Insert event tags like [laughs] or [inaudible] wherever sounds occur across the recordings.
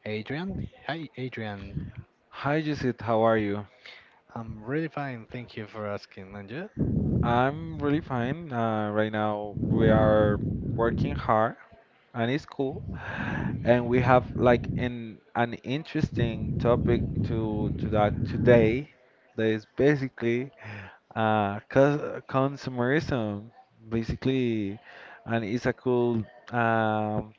Adrian. Hi, Adrian. Hi, Judith. How are you? I'm really fine, thank you for asking, and you? I'm really fine. Right now, we are working hard, and it's cool. And we have like an interesting topic to talk today. That is basically cos consumerism, basically, and it's a cool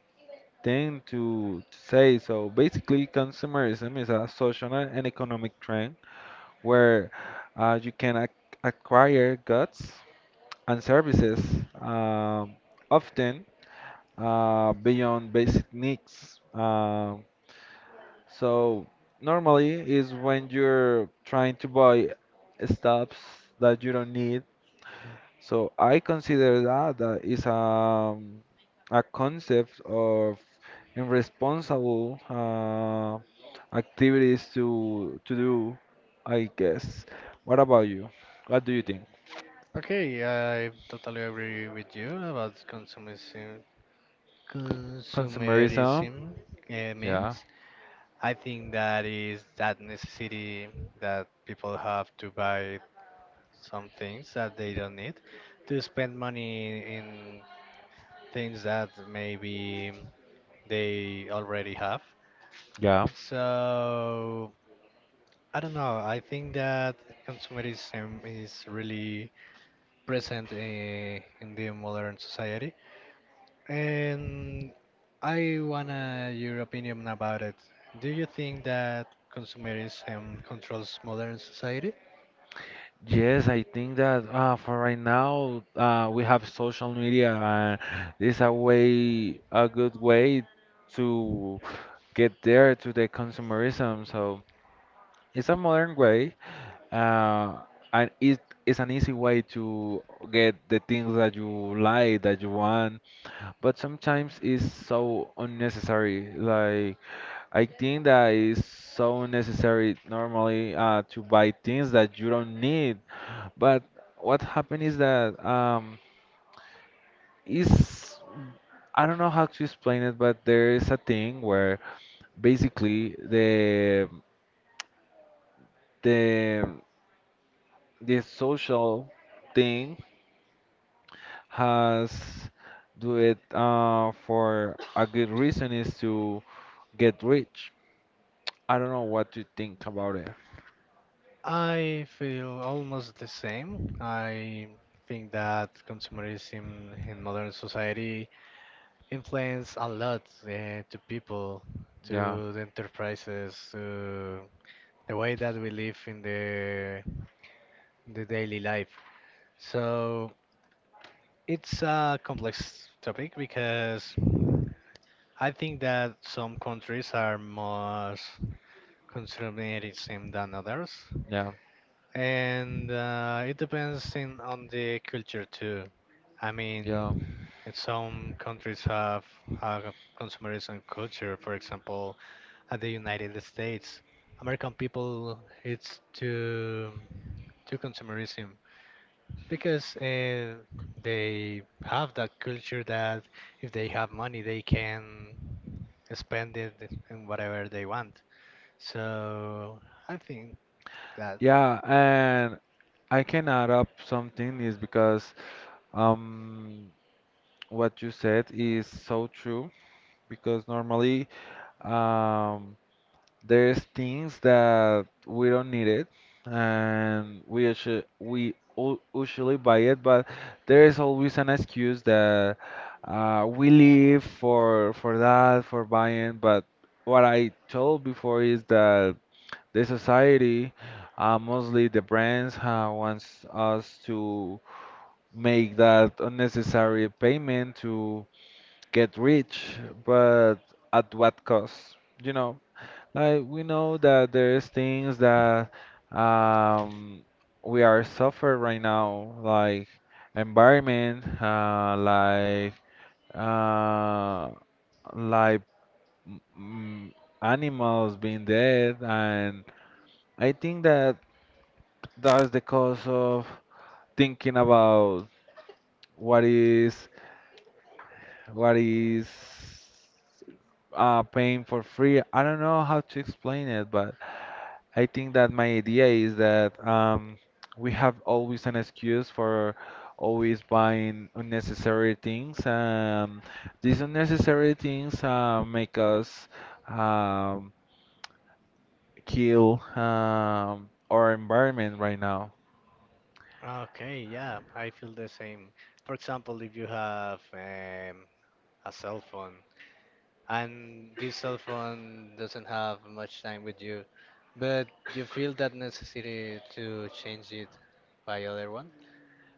thing to say. So basically, consumerism is a social and economic trend where you can ac acquire goods and services, um, often beyond basic needs. So normally is when you're trying to buy stuffs that you don't need. So I consider that that is a concept of irresponsible activities to do, I guess. What about you? What do you think? Okay, I totally agree with you about consumerism. Consumerism? Consumerism Yeah, means I think that is that necessity that people have to buy some things that they don't need, to spend money in things that maybe they already have. yeah. So I don't know. I think that consumerism is really present in the modern society, and I wanna your opinion about it. Do you think that consumerism controls modern society? Yes, I think that for right now we have social media, and it's a way, a good way to get there to the consumerism. So it's a modern way, uh, and it is an easy way to get the things that you like, that you want. But sometimes it's so unnecessary. Like I think that it's so unnecessary normally to buy things that you don't need, but what happened is that is I don't know how to explain it, but there is a thing where basically the the social thing has do it for a good reason is to get rich. I don't know what to think about it. I feel almost the same. I think that consumerism in modern society influence a lot to people, Yeah, to the enterprises, to the way that we live in the daily life. So it's a complex topic because I think that some countries are more consumerism than others, yeah, and it depends on the culture too. I yeah. mean, and some countries have a consumerism culture. For example, at the United States, American people it's to consumerism because they have that culture that if they have money, they can spend it in whatever they want. So I think that. Yeah, and I can add up something is because um what you said is so true because normally, um, there's things that we don't need it, and we usu- we u- usually buy it, but there is always an excuse that we live for that for buying. But what I told before is that the society, mostly the brands, wants us to make that unnecessary payment to get rich, but at what cost? You know, like we know that there's things that um, we are suffer right now, like environment, uh, like mm, animals being dead, and I think that that's the cause of thinking about what is what is paying for free. I don't know how to explain it, but I think that my idea is that we have always an excuse for always buying unnecessary things. These unnecessary things make us um, kill our environment right now. Okay, yeah, I feel the same. For example, if you have a cell phone, and this cell phone doesn't have much time with you, but you feel that necessity to change it by other one,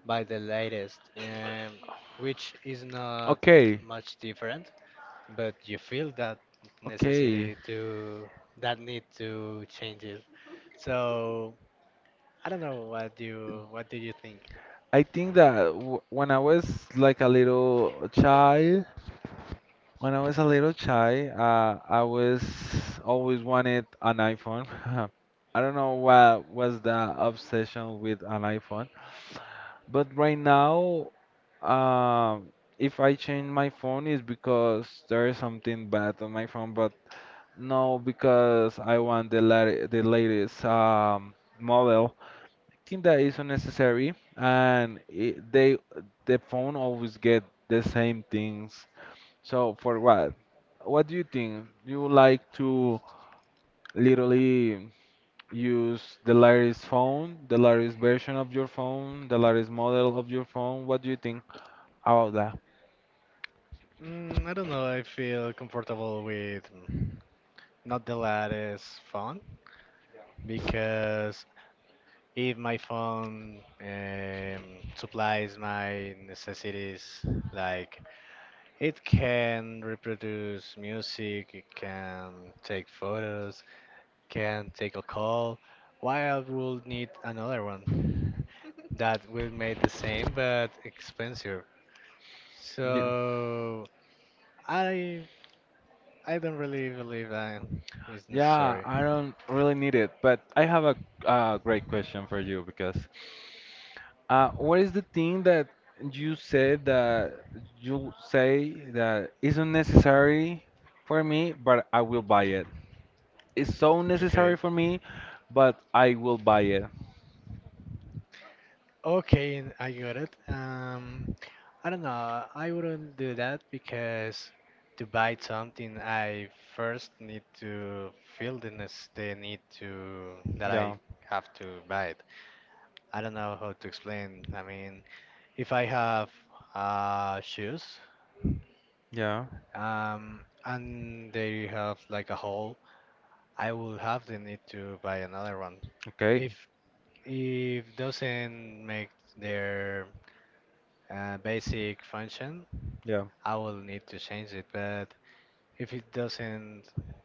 by the latest, which is not Okay, much different, but you feel that okay. necessity to that need to change it. So I don't know what you what do you think? I think that w when I was like a little child, when I was a little child, I was always wanted an iPhone. [laughs] I don't know what was the obsession with an iPhone, but right now, um, if I change my phone, it's because there is something bad on my phone. But no, because I want the latest model. I think that is unnecessary, and it, they the phone always get the same things, so for what? What do you think? You would like to literally use the latest phone, the latest version of your phone, the latest model of your phone? What do you think about that? I don't know. I feel comfortable with not the latest phone because if my phone supplies my necessities, like it can reproduce music, it can take photos, can take a call, why I would need another one [laughs] that will make the same but expensive. Yeah. So I I don't really believe that is Yeah, necessary. I don't really need it, but I have a great question for you because what is the thing that you said that you say that isn't necessary for me, but I will buy it? It's so necessary Okay. for me, but I will buy it. Okay, I got it. I don't know. I wouldn't do that because to buy something, I first need to feel the, the need to that I Yeah, have to buy it. I don't know how to explain. I mean, if I have shoes, yeah, um, and they have like a hole, I will have the need to buy another one. If okay, if doesn't make their basic function, yeah, I will need to change it, but if it doesn't,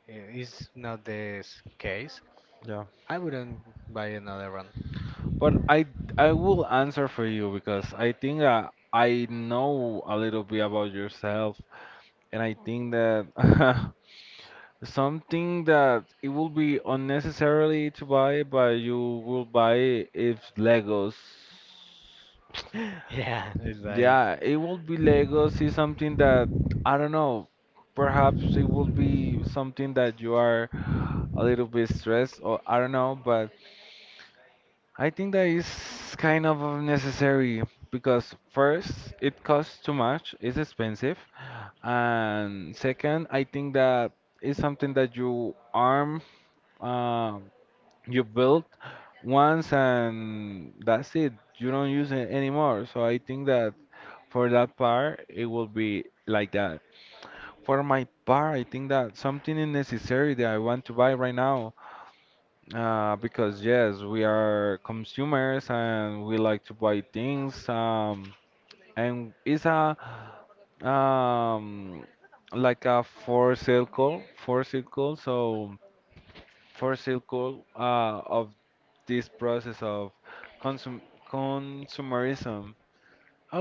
is not this case, yeah. I wouldn't buy another one. But I will answer for you because I think that I know a little bit about yourself, and I think that [laughs] something that it will be unnecessarily to buy, but you will buy if Legos. [laughs] Yeah, it's like, Yeah, it will be Legos is something that I don't know. Perhaps it will be something that you are a little bit stressed, or I don't know, but I think that is kind of unnecessary because first, it costs too much, it's expensive, and second, I think that it's something that you arm, uh, you build once, and that's it. You don't use it anymore. So I think that for that part, it will be like that. For my part, I think that something is necessary that I want to buy right now. Because yes, we are consumers and we like to buy things. And it's a um like a for sale call, for sale call. So for sale call of this process of consum consumerism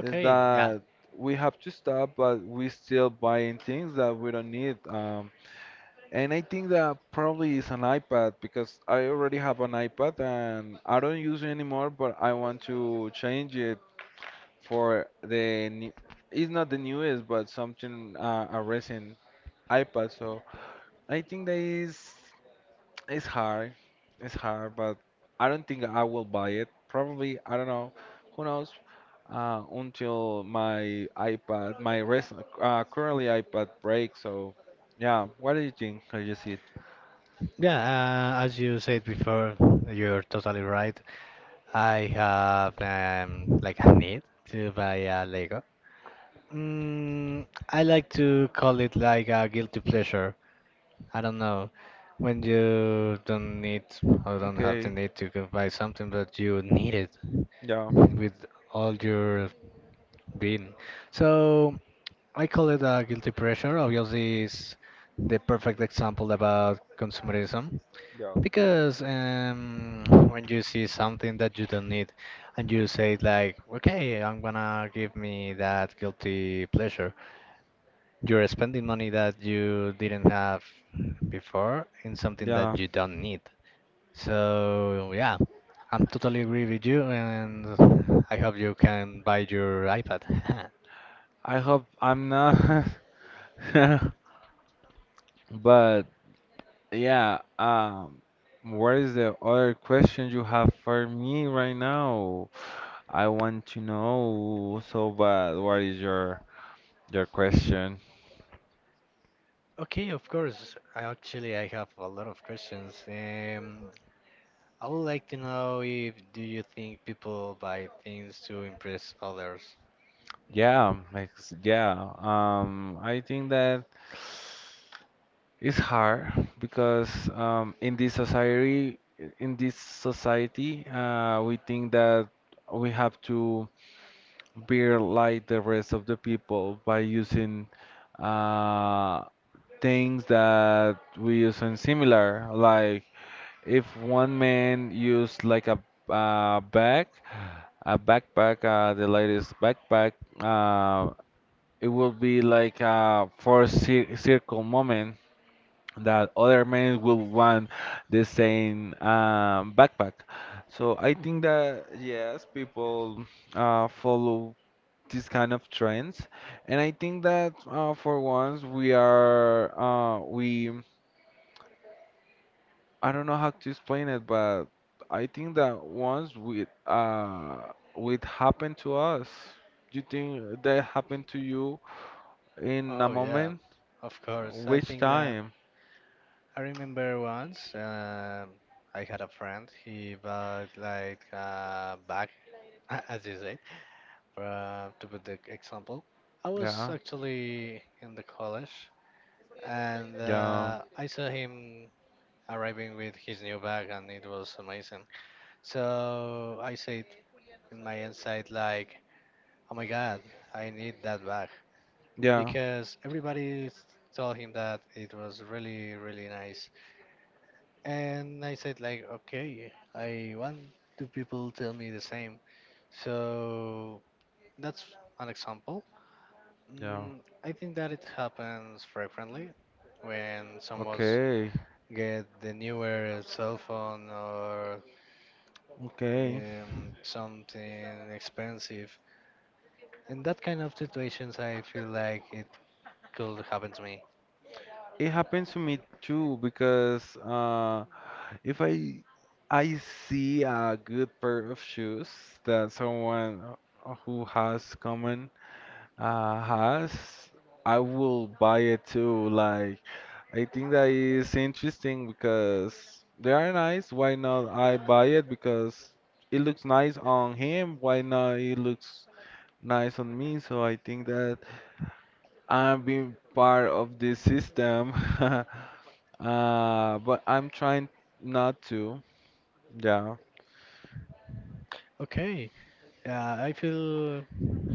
is yeah. that we have to stop, but we still buying things that we don't need. And I think that probably is an iPad because I already have an iPad and I don't use it anymore, but I want to change it for the new, it's not the newest, but something a recent iPad. So I think that is it's hard, it's hard, but I don't think I will buy it. Probably I don't know, who knows? Until my iPad, my recent currently iPad breaks. So yeah, what do you think? I just see it. Yeah, as you said before, you're totally right. I have like a need to buy a Lego. I like to call it like a guilty pleasure. I don't know. When you don't need or don't have the Okay, need to go buy something, but you need it yeah. with all your being. So I call it a guilty pressure. Obviously, is the perfect example about consumerism Yeah. because when you see something that you don't need and you say like, okay, I'm gonna give me that guilty pleasure you're spending money that you didn't have before in something Yeah, that you don't need. So, yeah, I'm totally agree with you, and I hope you can buy your iPad. [laughs] I hope I'm not. [laughs] But yeah, what is the other question you have for me right now? I want to know so bad. What is your question? Okay, of course. I actually I have a lot of questions. I would like to know if do you think people buy things to impress others? Yeah, yeah. I think that it's hard because in this society, we think that we have to. Beer like the rest of the people by using uh, things that we use in similar. Like if one man used like a uh, bag, a backpack, the latest backpack, uh, it will be like a four circle moment that other men will want the same backpack. So I think that yes, people follow these kind of trends, and I think that for once we are we I don't know how to explain it, but I think that once we it happened to us. Do you think that happened to you in a Oh yeah, moment, of course. I which think that time? I remember once I had a friend. He bought like a bag, [laughs] as you say, to put the example. I was Yeah, actually in the college, and yeah, I saw him arriving with his new bag, and it was amazing. So I said in my inside, like, "Oh my God, I need that bag," yeah, because everybody told him that it was really, really nice. And I said like, okay, I want two people tell me the same. So that's an example. yeah, Mm, I think that it happens frequently when someone's okay, get the newer cell phone or okay, something expensive. In that kind of situations, I feel like it could happen to me. it happened to me too because If I I see a good pair of shoes that someone who has common has, I will buy it too. Like I think that is interesting because they are nice. Why not I buy it because it looks nice on him. Why not it looks nice on me? So I think that I'm being part of this system. [laughs] uh, but I'm trying not to. Yeah, Okay, I feel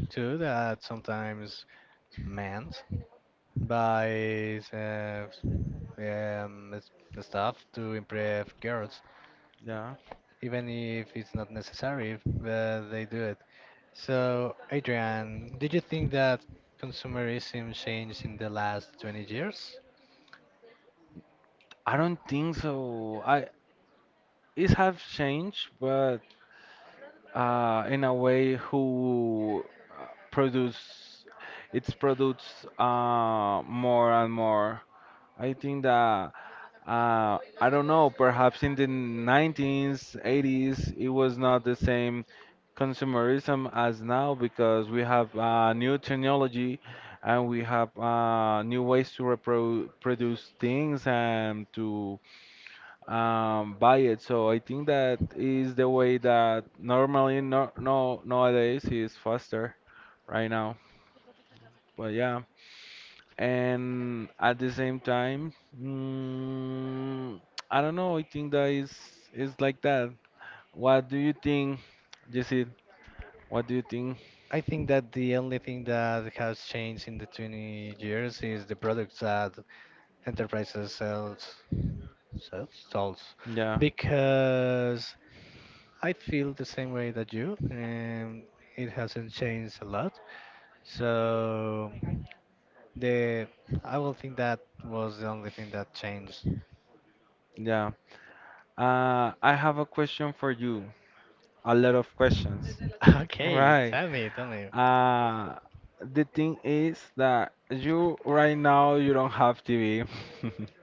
too that sometimes men by um, s- stuff to impress girls, yeah. even if it's not necessary, they do it. So, Adrian, did you think that consumerism changed in the last 20 years? I don't think so. I It have changed, but in a way who produce its products more and more. I think that I don't know. Perhaps in the 90s, 80s, it was not the same consumerism as now because we have new technology, and we have new ways to reproduce things and to buy it. So I think that is the way that normally no no nowadays is faster right now. But yeah, and at the same time, mm, I don't know. I think that is like that. What do you think, Jesse? What do you think? I think that the only thing that has changed in the 20 years is the products that enterprises sells, sells. Yeah, Because I feel the same way that you, and it hasn't changed a lot. So the I will think that was the only thing that changed. [laughs] yeah. I have a question for you. A lot of questions. Okay, Right. tell me, tell me. Uh, the thing is that you right now you don't have TV. [laughs]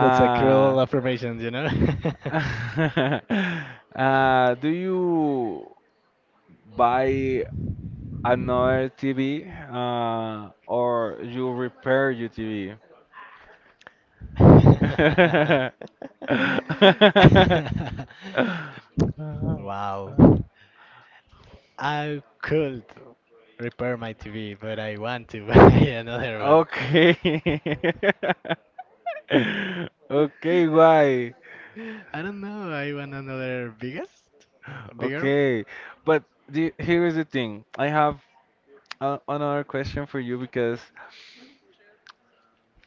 That's a cruel affirmation, you know? [laughs] Do you buy another TV, or you repair your TV? [laughs] [laughs] Wow. I could repair my TV, but I want to buy [laughs] another one. Okay. [laughs] [laughs] [laughs] Okay, why? I don't know. I want another biggest, a bigger. Okay, but here is the thing. I have another question for you because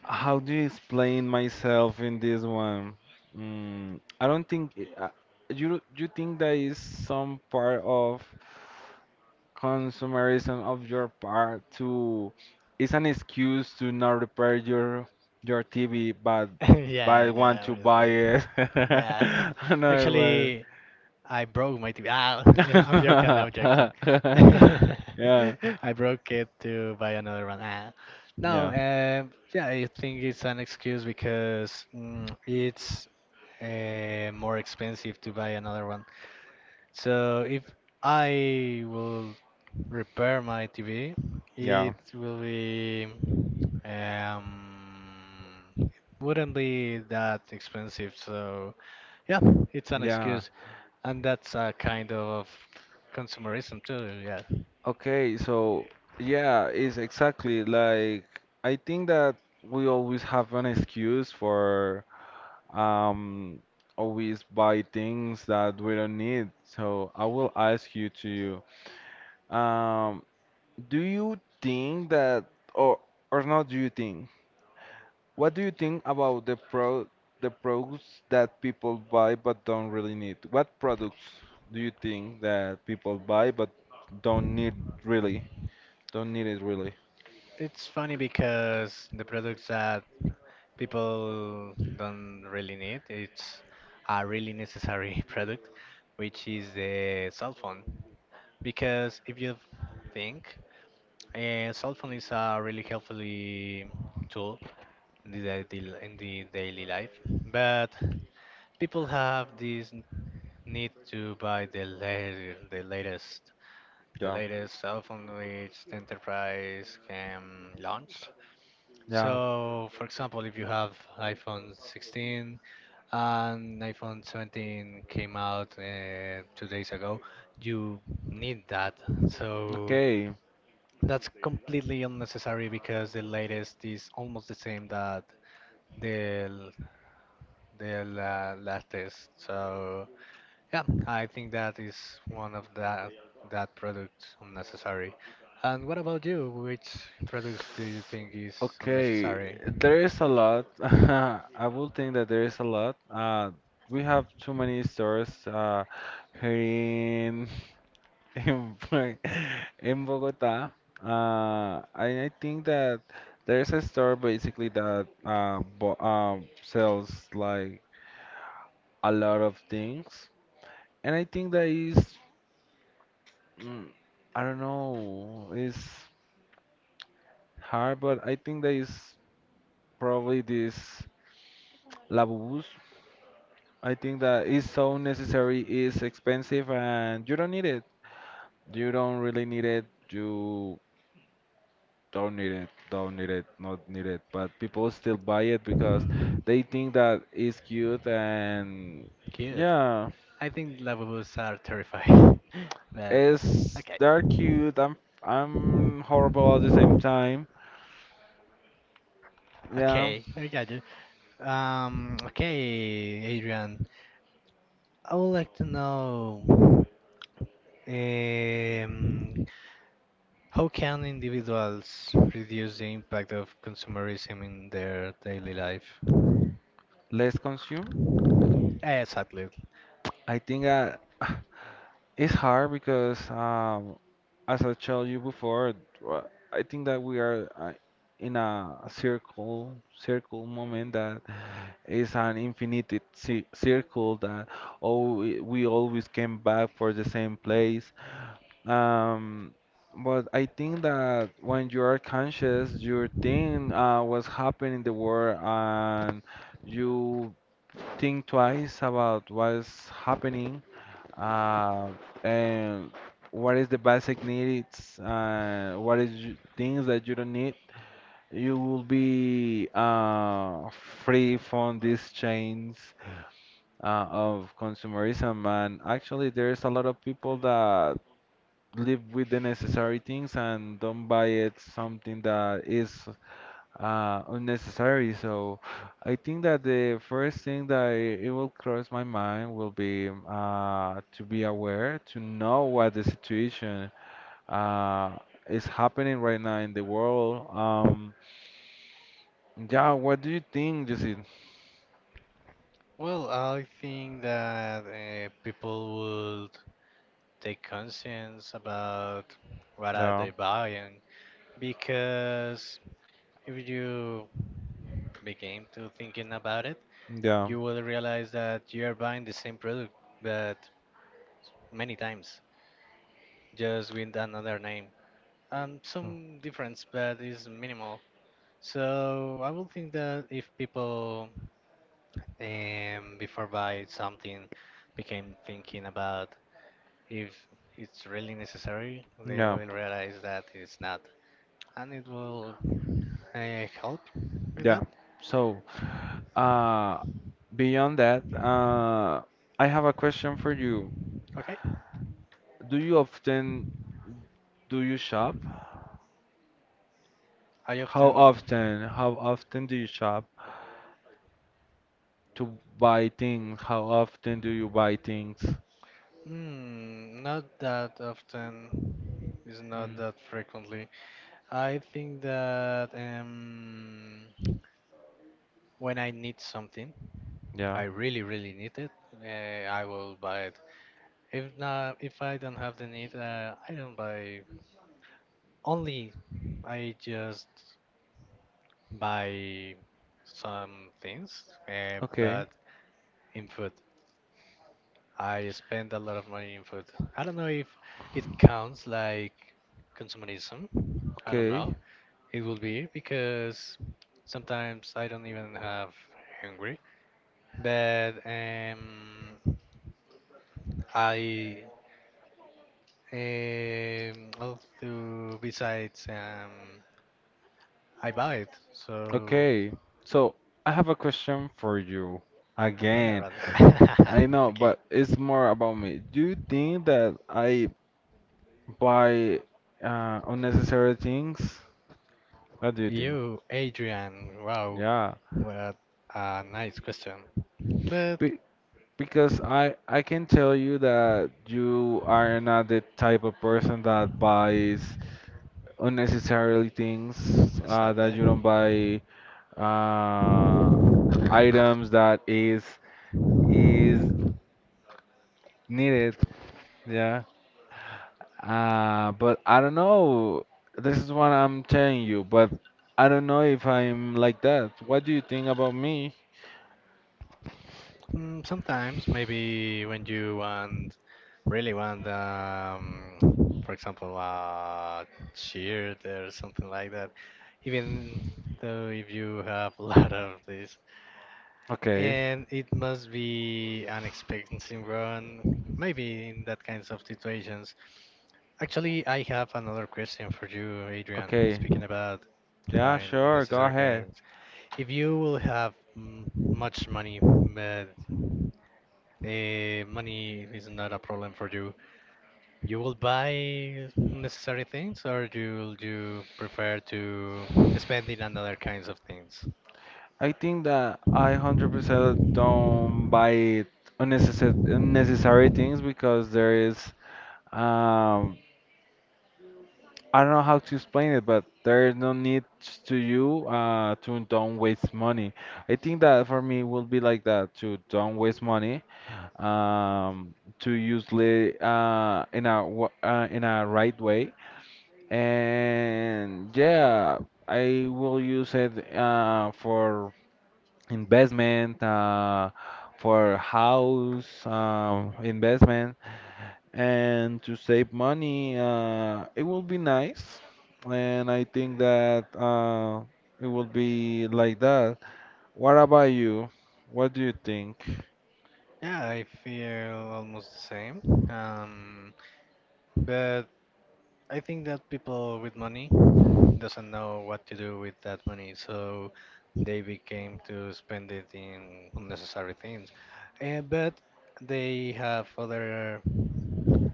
how do you explain myself in this one? Mm, I don't think uh, you think that is some part of consumerism of your part to it's an excuse to not repair your TV, [laughs] but I Yeah, want yeah, to buy obviously. [laughs] it. Yeah. [laughs] Another one. Actually, I broke my TV. Ah, [laughs] I'm joking. No, I'm joking. [laughs] Yeah, [laughs] I broke it to buy another one. Ah. No, yeah, yeah, I think it's an excuse because it's more expensive to buy another one. So if I will repair my TV, yeah, it will be um it wouldn't be that expensive, so yeah, it's an yeah. excuse. And that's a kind of consumerism too, yeah. Okay, so yeah, it's exactly like I think that we always have an excuse for um always buy things that we don't need. So I will ask you to um do you think that or or not do you think, what do you think about the products that people buy but don't really need? What products do you think that people buy but don't need really? Don't need it really. It's funny because the products that people don't really need, it's a really necessary [laughs] product, which is the cell phone. Because if you think cell phone is a really helpful tool in the, daily life, but people have this need to buy the Yeah. latest cell phone which the enterprise can launch. Yeah. So, for example, if you have iPhone 16 and iPhone 17 came out 2 days ago, you need that. So. Okay. That's completely unnecessary because the latest is almost the same that the l- the latest. So yeah, I think that is one of that products unnecessary. And what about you? Which products do you think is Okay. unnecessary? There is a lot. [laughs] I would think that there is a lot. We have too many stores here in, [laughs] in Bogota. I think that there's a store basically that bo sells like a lot of things, and I think that is mm, I don't know, it's hard, but I think that is probably this Labubus. I think that is so necessary, is expensive, and you don't need it. You don't really need it. You don't need it, not need it. But people still buy it because they think that it's cute and Good. yeah, I think Lavabos are terrifying. [laughs] but it's okay. they're cute. I'm horrible at the same time. Yeah, Okay, I got you. Okay, Adrian. I would like to know. Um, how can individuals reduce the impact of consumerism in their daily life? let's consume. Exactly. I think [sighs] it's hard because as I told you before, wha- I think that we are in a circle moment that it's an infinite circle that we always came back for the same place. Um, but I think that when you are conscious, you think what's happening in the world, and you think twice about what's happening, uh, and what is the basic needs and what is things that you don't need. You will be free from these chains of consumerism, and actually there's a lot of people that live with the necessary things and don't buy it something that is unnecessary. So I think that the first thing that it will cross my mind will be to be aware, to know what the situation uh, is happening right now in the world. Yeah, what do you think, Jesse? Well, I think that people would take conscience about what are Yeah, they buying because if you begin to thinking about it, yeah, you will realize that you are buying the same product but many times just with another name. So- Some difference, but it's minimal. So I would think that if people before buy something became thinking about if it's really necessary, they yeah, will realize that it's not, and it will help with yeah. that. So. Uh, Beyond that, I have a question for you. Okay, Do you often do you shop? I How often. often? How often do you shop to buy things? How often do you buy things? Not that often. It's not Mm, that frequently. I think that when I need something, yeah. I really, really need it, I will buy it. If not, if I don't have the need, I don't buy. Only I just buy some things, Okay. but in food. I spend a lot of money in food. I don't know if it counts like consumerism. I don't know. Okay. It will be because sometimes I don't even have hungry. But I Um, i besides um, I buy it, so Okay. So I have a question for you another again. rather. I [laughs] know, Okay, but it's more about me. Do you think that I buy unnecessary things? What do you think? you, Adrian. Wow, Yeah. what a nice question. But Be Because I can tell you that you are not the type of person that buys unnecessarily things, that sadly, you don't buy uh, items that is needed. Yeah. But I don't know. This is what I'm telling you, but I don't know if I'm like that. What do you think about me? Sometimes maybe when you want really want, for example, a shirt or something like that. Even though if you have [laughs] a lot of this. Okay. And it must be an expectancy run, maybe in that kinds of situations. Actually, I have another question for you, Adrian, Okay. speaking about Yeah, buying sure. Go necessary ahead. goods. If you will have much money, but money is not a problem for you, you will buy necessary things or you prefer to spend it on other kinds of things? I think that I 100% don't buy unnecessary things because there is, um, I don't know how to explain it, but there is no need to you to don't waste money. I think that for me will be like that, to don't waste money, um, to use it in a in a right way. And yeah, I will use it for investment, for house, investment, and to save money. It will be nice. And I think that it will be like that. What about you? What do you think? Yeah, I feel almost the same. Um, but I think that people with money doesn't know what to do with that money, so they became to spend it in unnecessary things. But they have other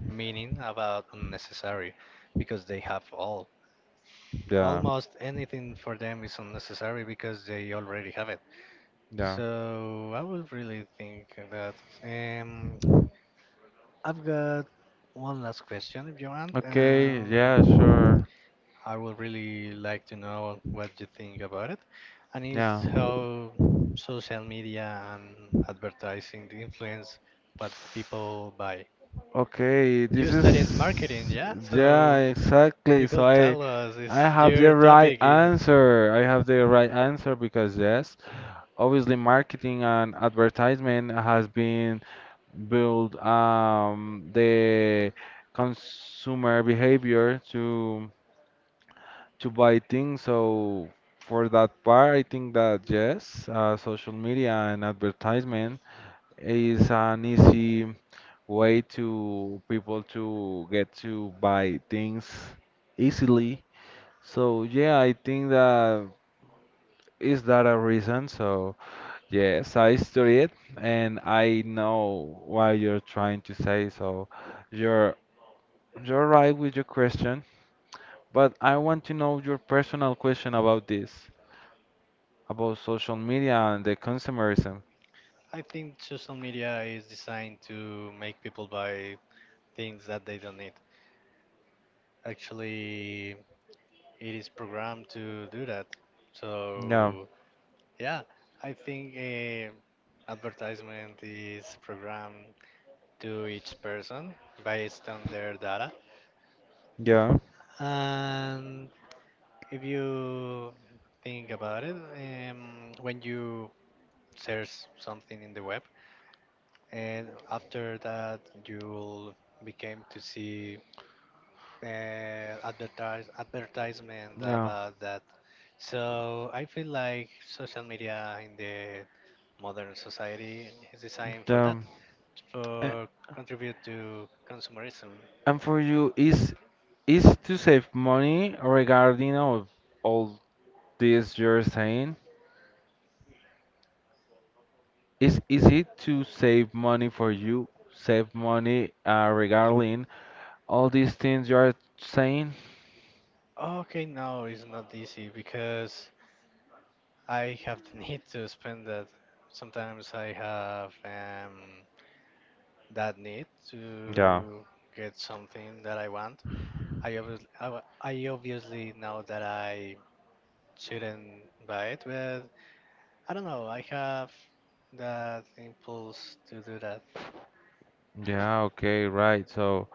meaning about unnecessary because they have all. Yeah, Almost anything for them is unnecessary because they already have it. yeah, So I would really think that. Um, I've got one last question if you want. okay, yeah, sure, I would really like to know what you think about it, and yeah, it's how social media and advertising influence what people buy. okay, You this studied marketing, is, yeah? yeah, So exactly, you so could i tell us, is I have the your right topic is answer. I have the right answer because yes, obviously marketing and advertisement has been built, the consumer behavior to buy things. So for that part, I think that yes, social media and advertisement is an easy way to people to get to buy things easily. So yeah, I think that is that a reason? So, yes, I study it and I know what you're trying to say. So, you're you're right with your question, but I want to know your personal question about this, about social media and the consumerism. I think social media is designed to make people buy things that they don't need. Actually, it is programmed to do that. Yeah, So yeah, I think advertisement is programmed to each person based on their data. yeah, And if you think about it, when you search something in the web, and after that you'll become to see advertisement yeah. about that. So I feel like social media in the modern society is designed It, for that, a- for contribute to consumerism. and for you, is to save money regarding of all this you're saying? Is it to save money for you? Save money, regarding all these things you are saying? Okay, no, it's not easy because I have the [laughs] need to spend that. Sometimes I have that need Yeah. to get something that I want. I obviously, I, wa- I obviously know that I shouldn't buy it, but I don't know. I have that impulse to do that. Yeah, okay, right. So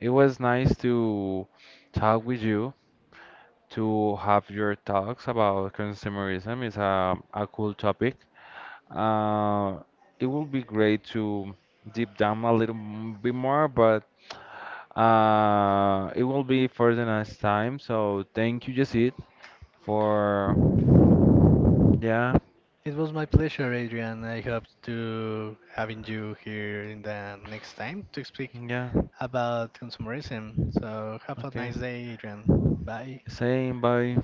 it was nice to talk with you, to have your talks about consumerism. It's a cool topic. Uh, it will be great to deep down a little bit more, but it will be for the next time. So thank you, Jacid, for, yeah, It was my pleasure, Adrian. I hope to having you here in the next time to speak yeah, about consumerism. So have a okay. nice day, Adrian. Bye. Saying bye.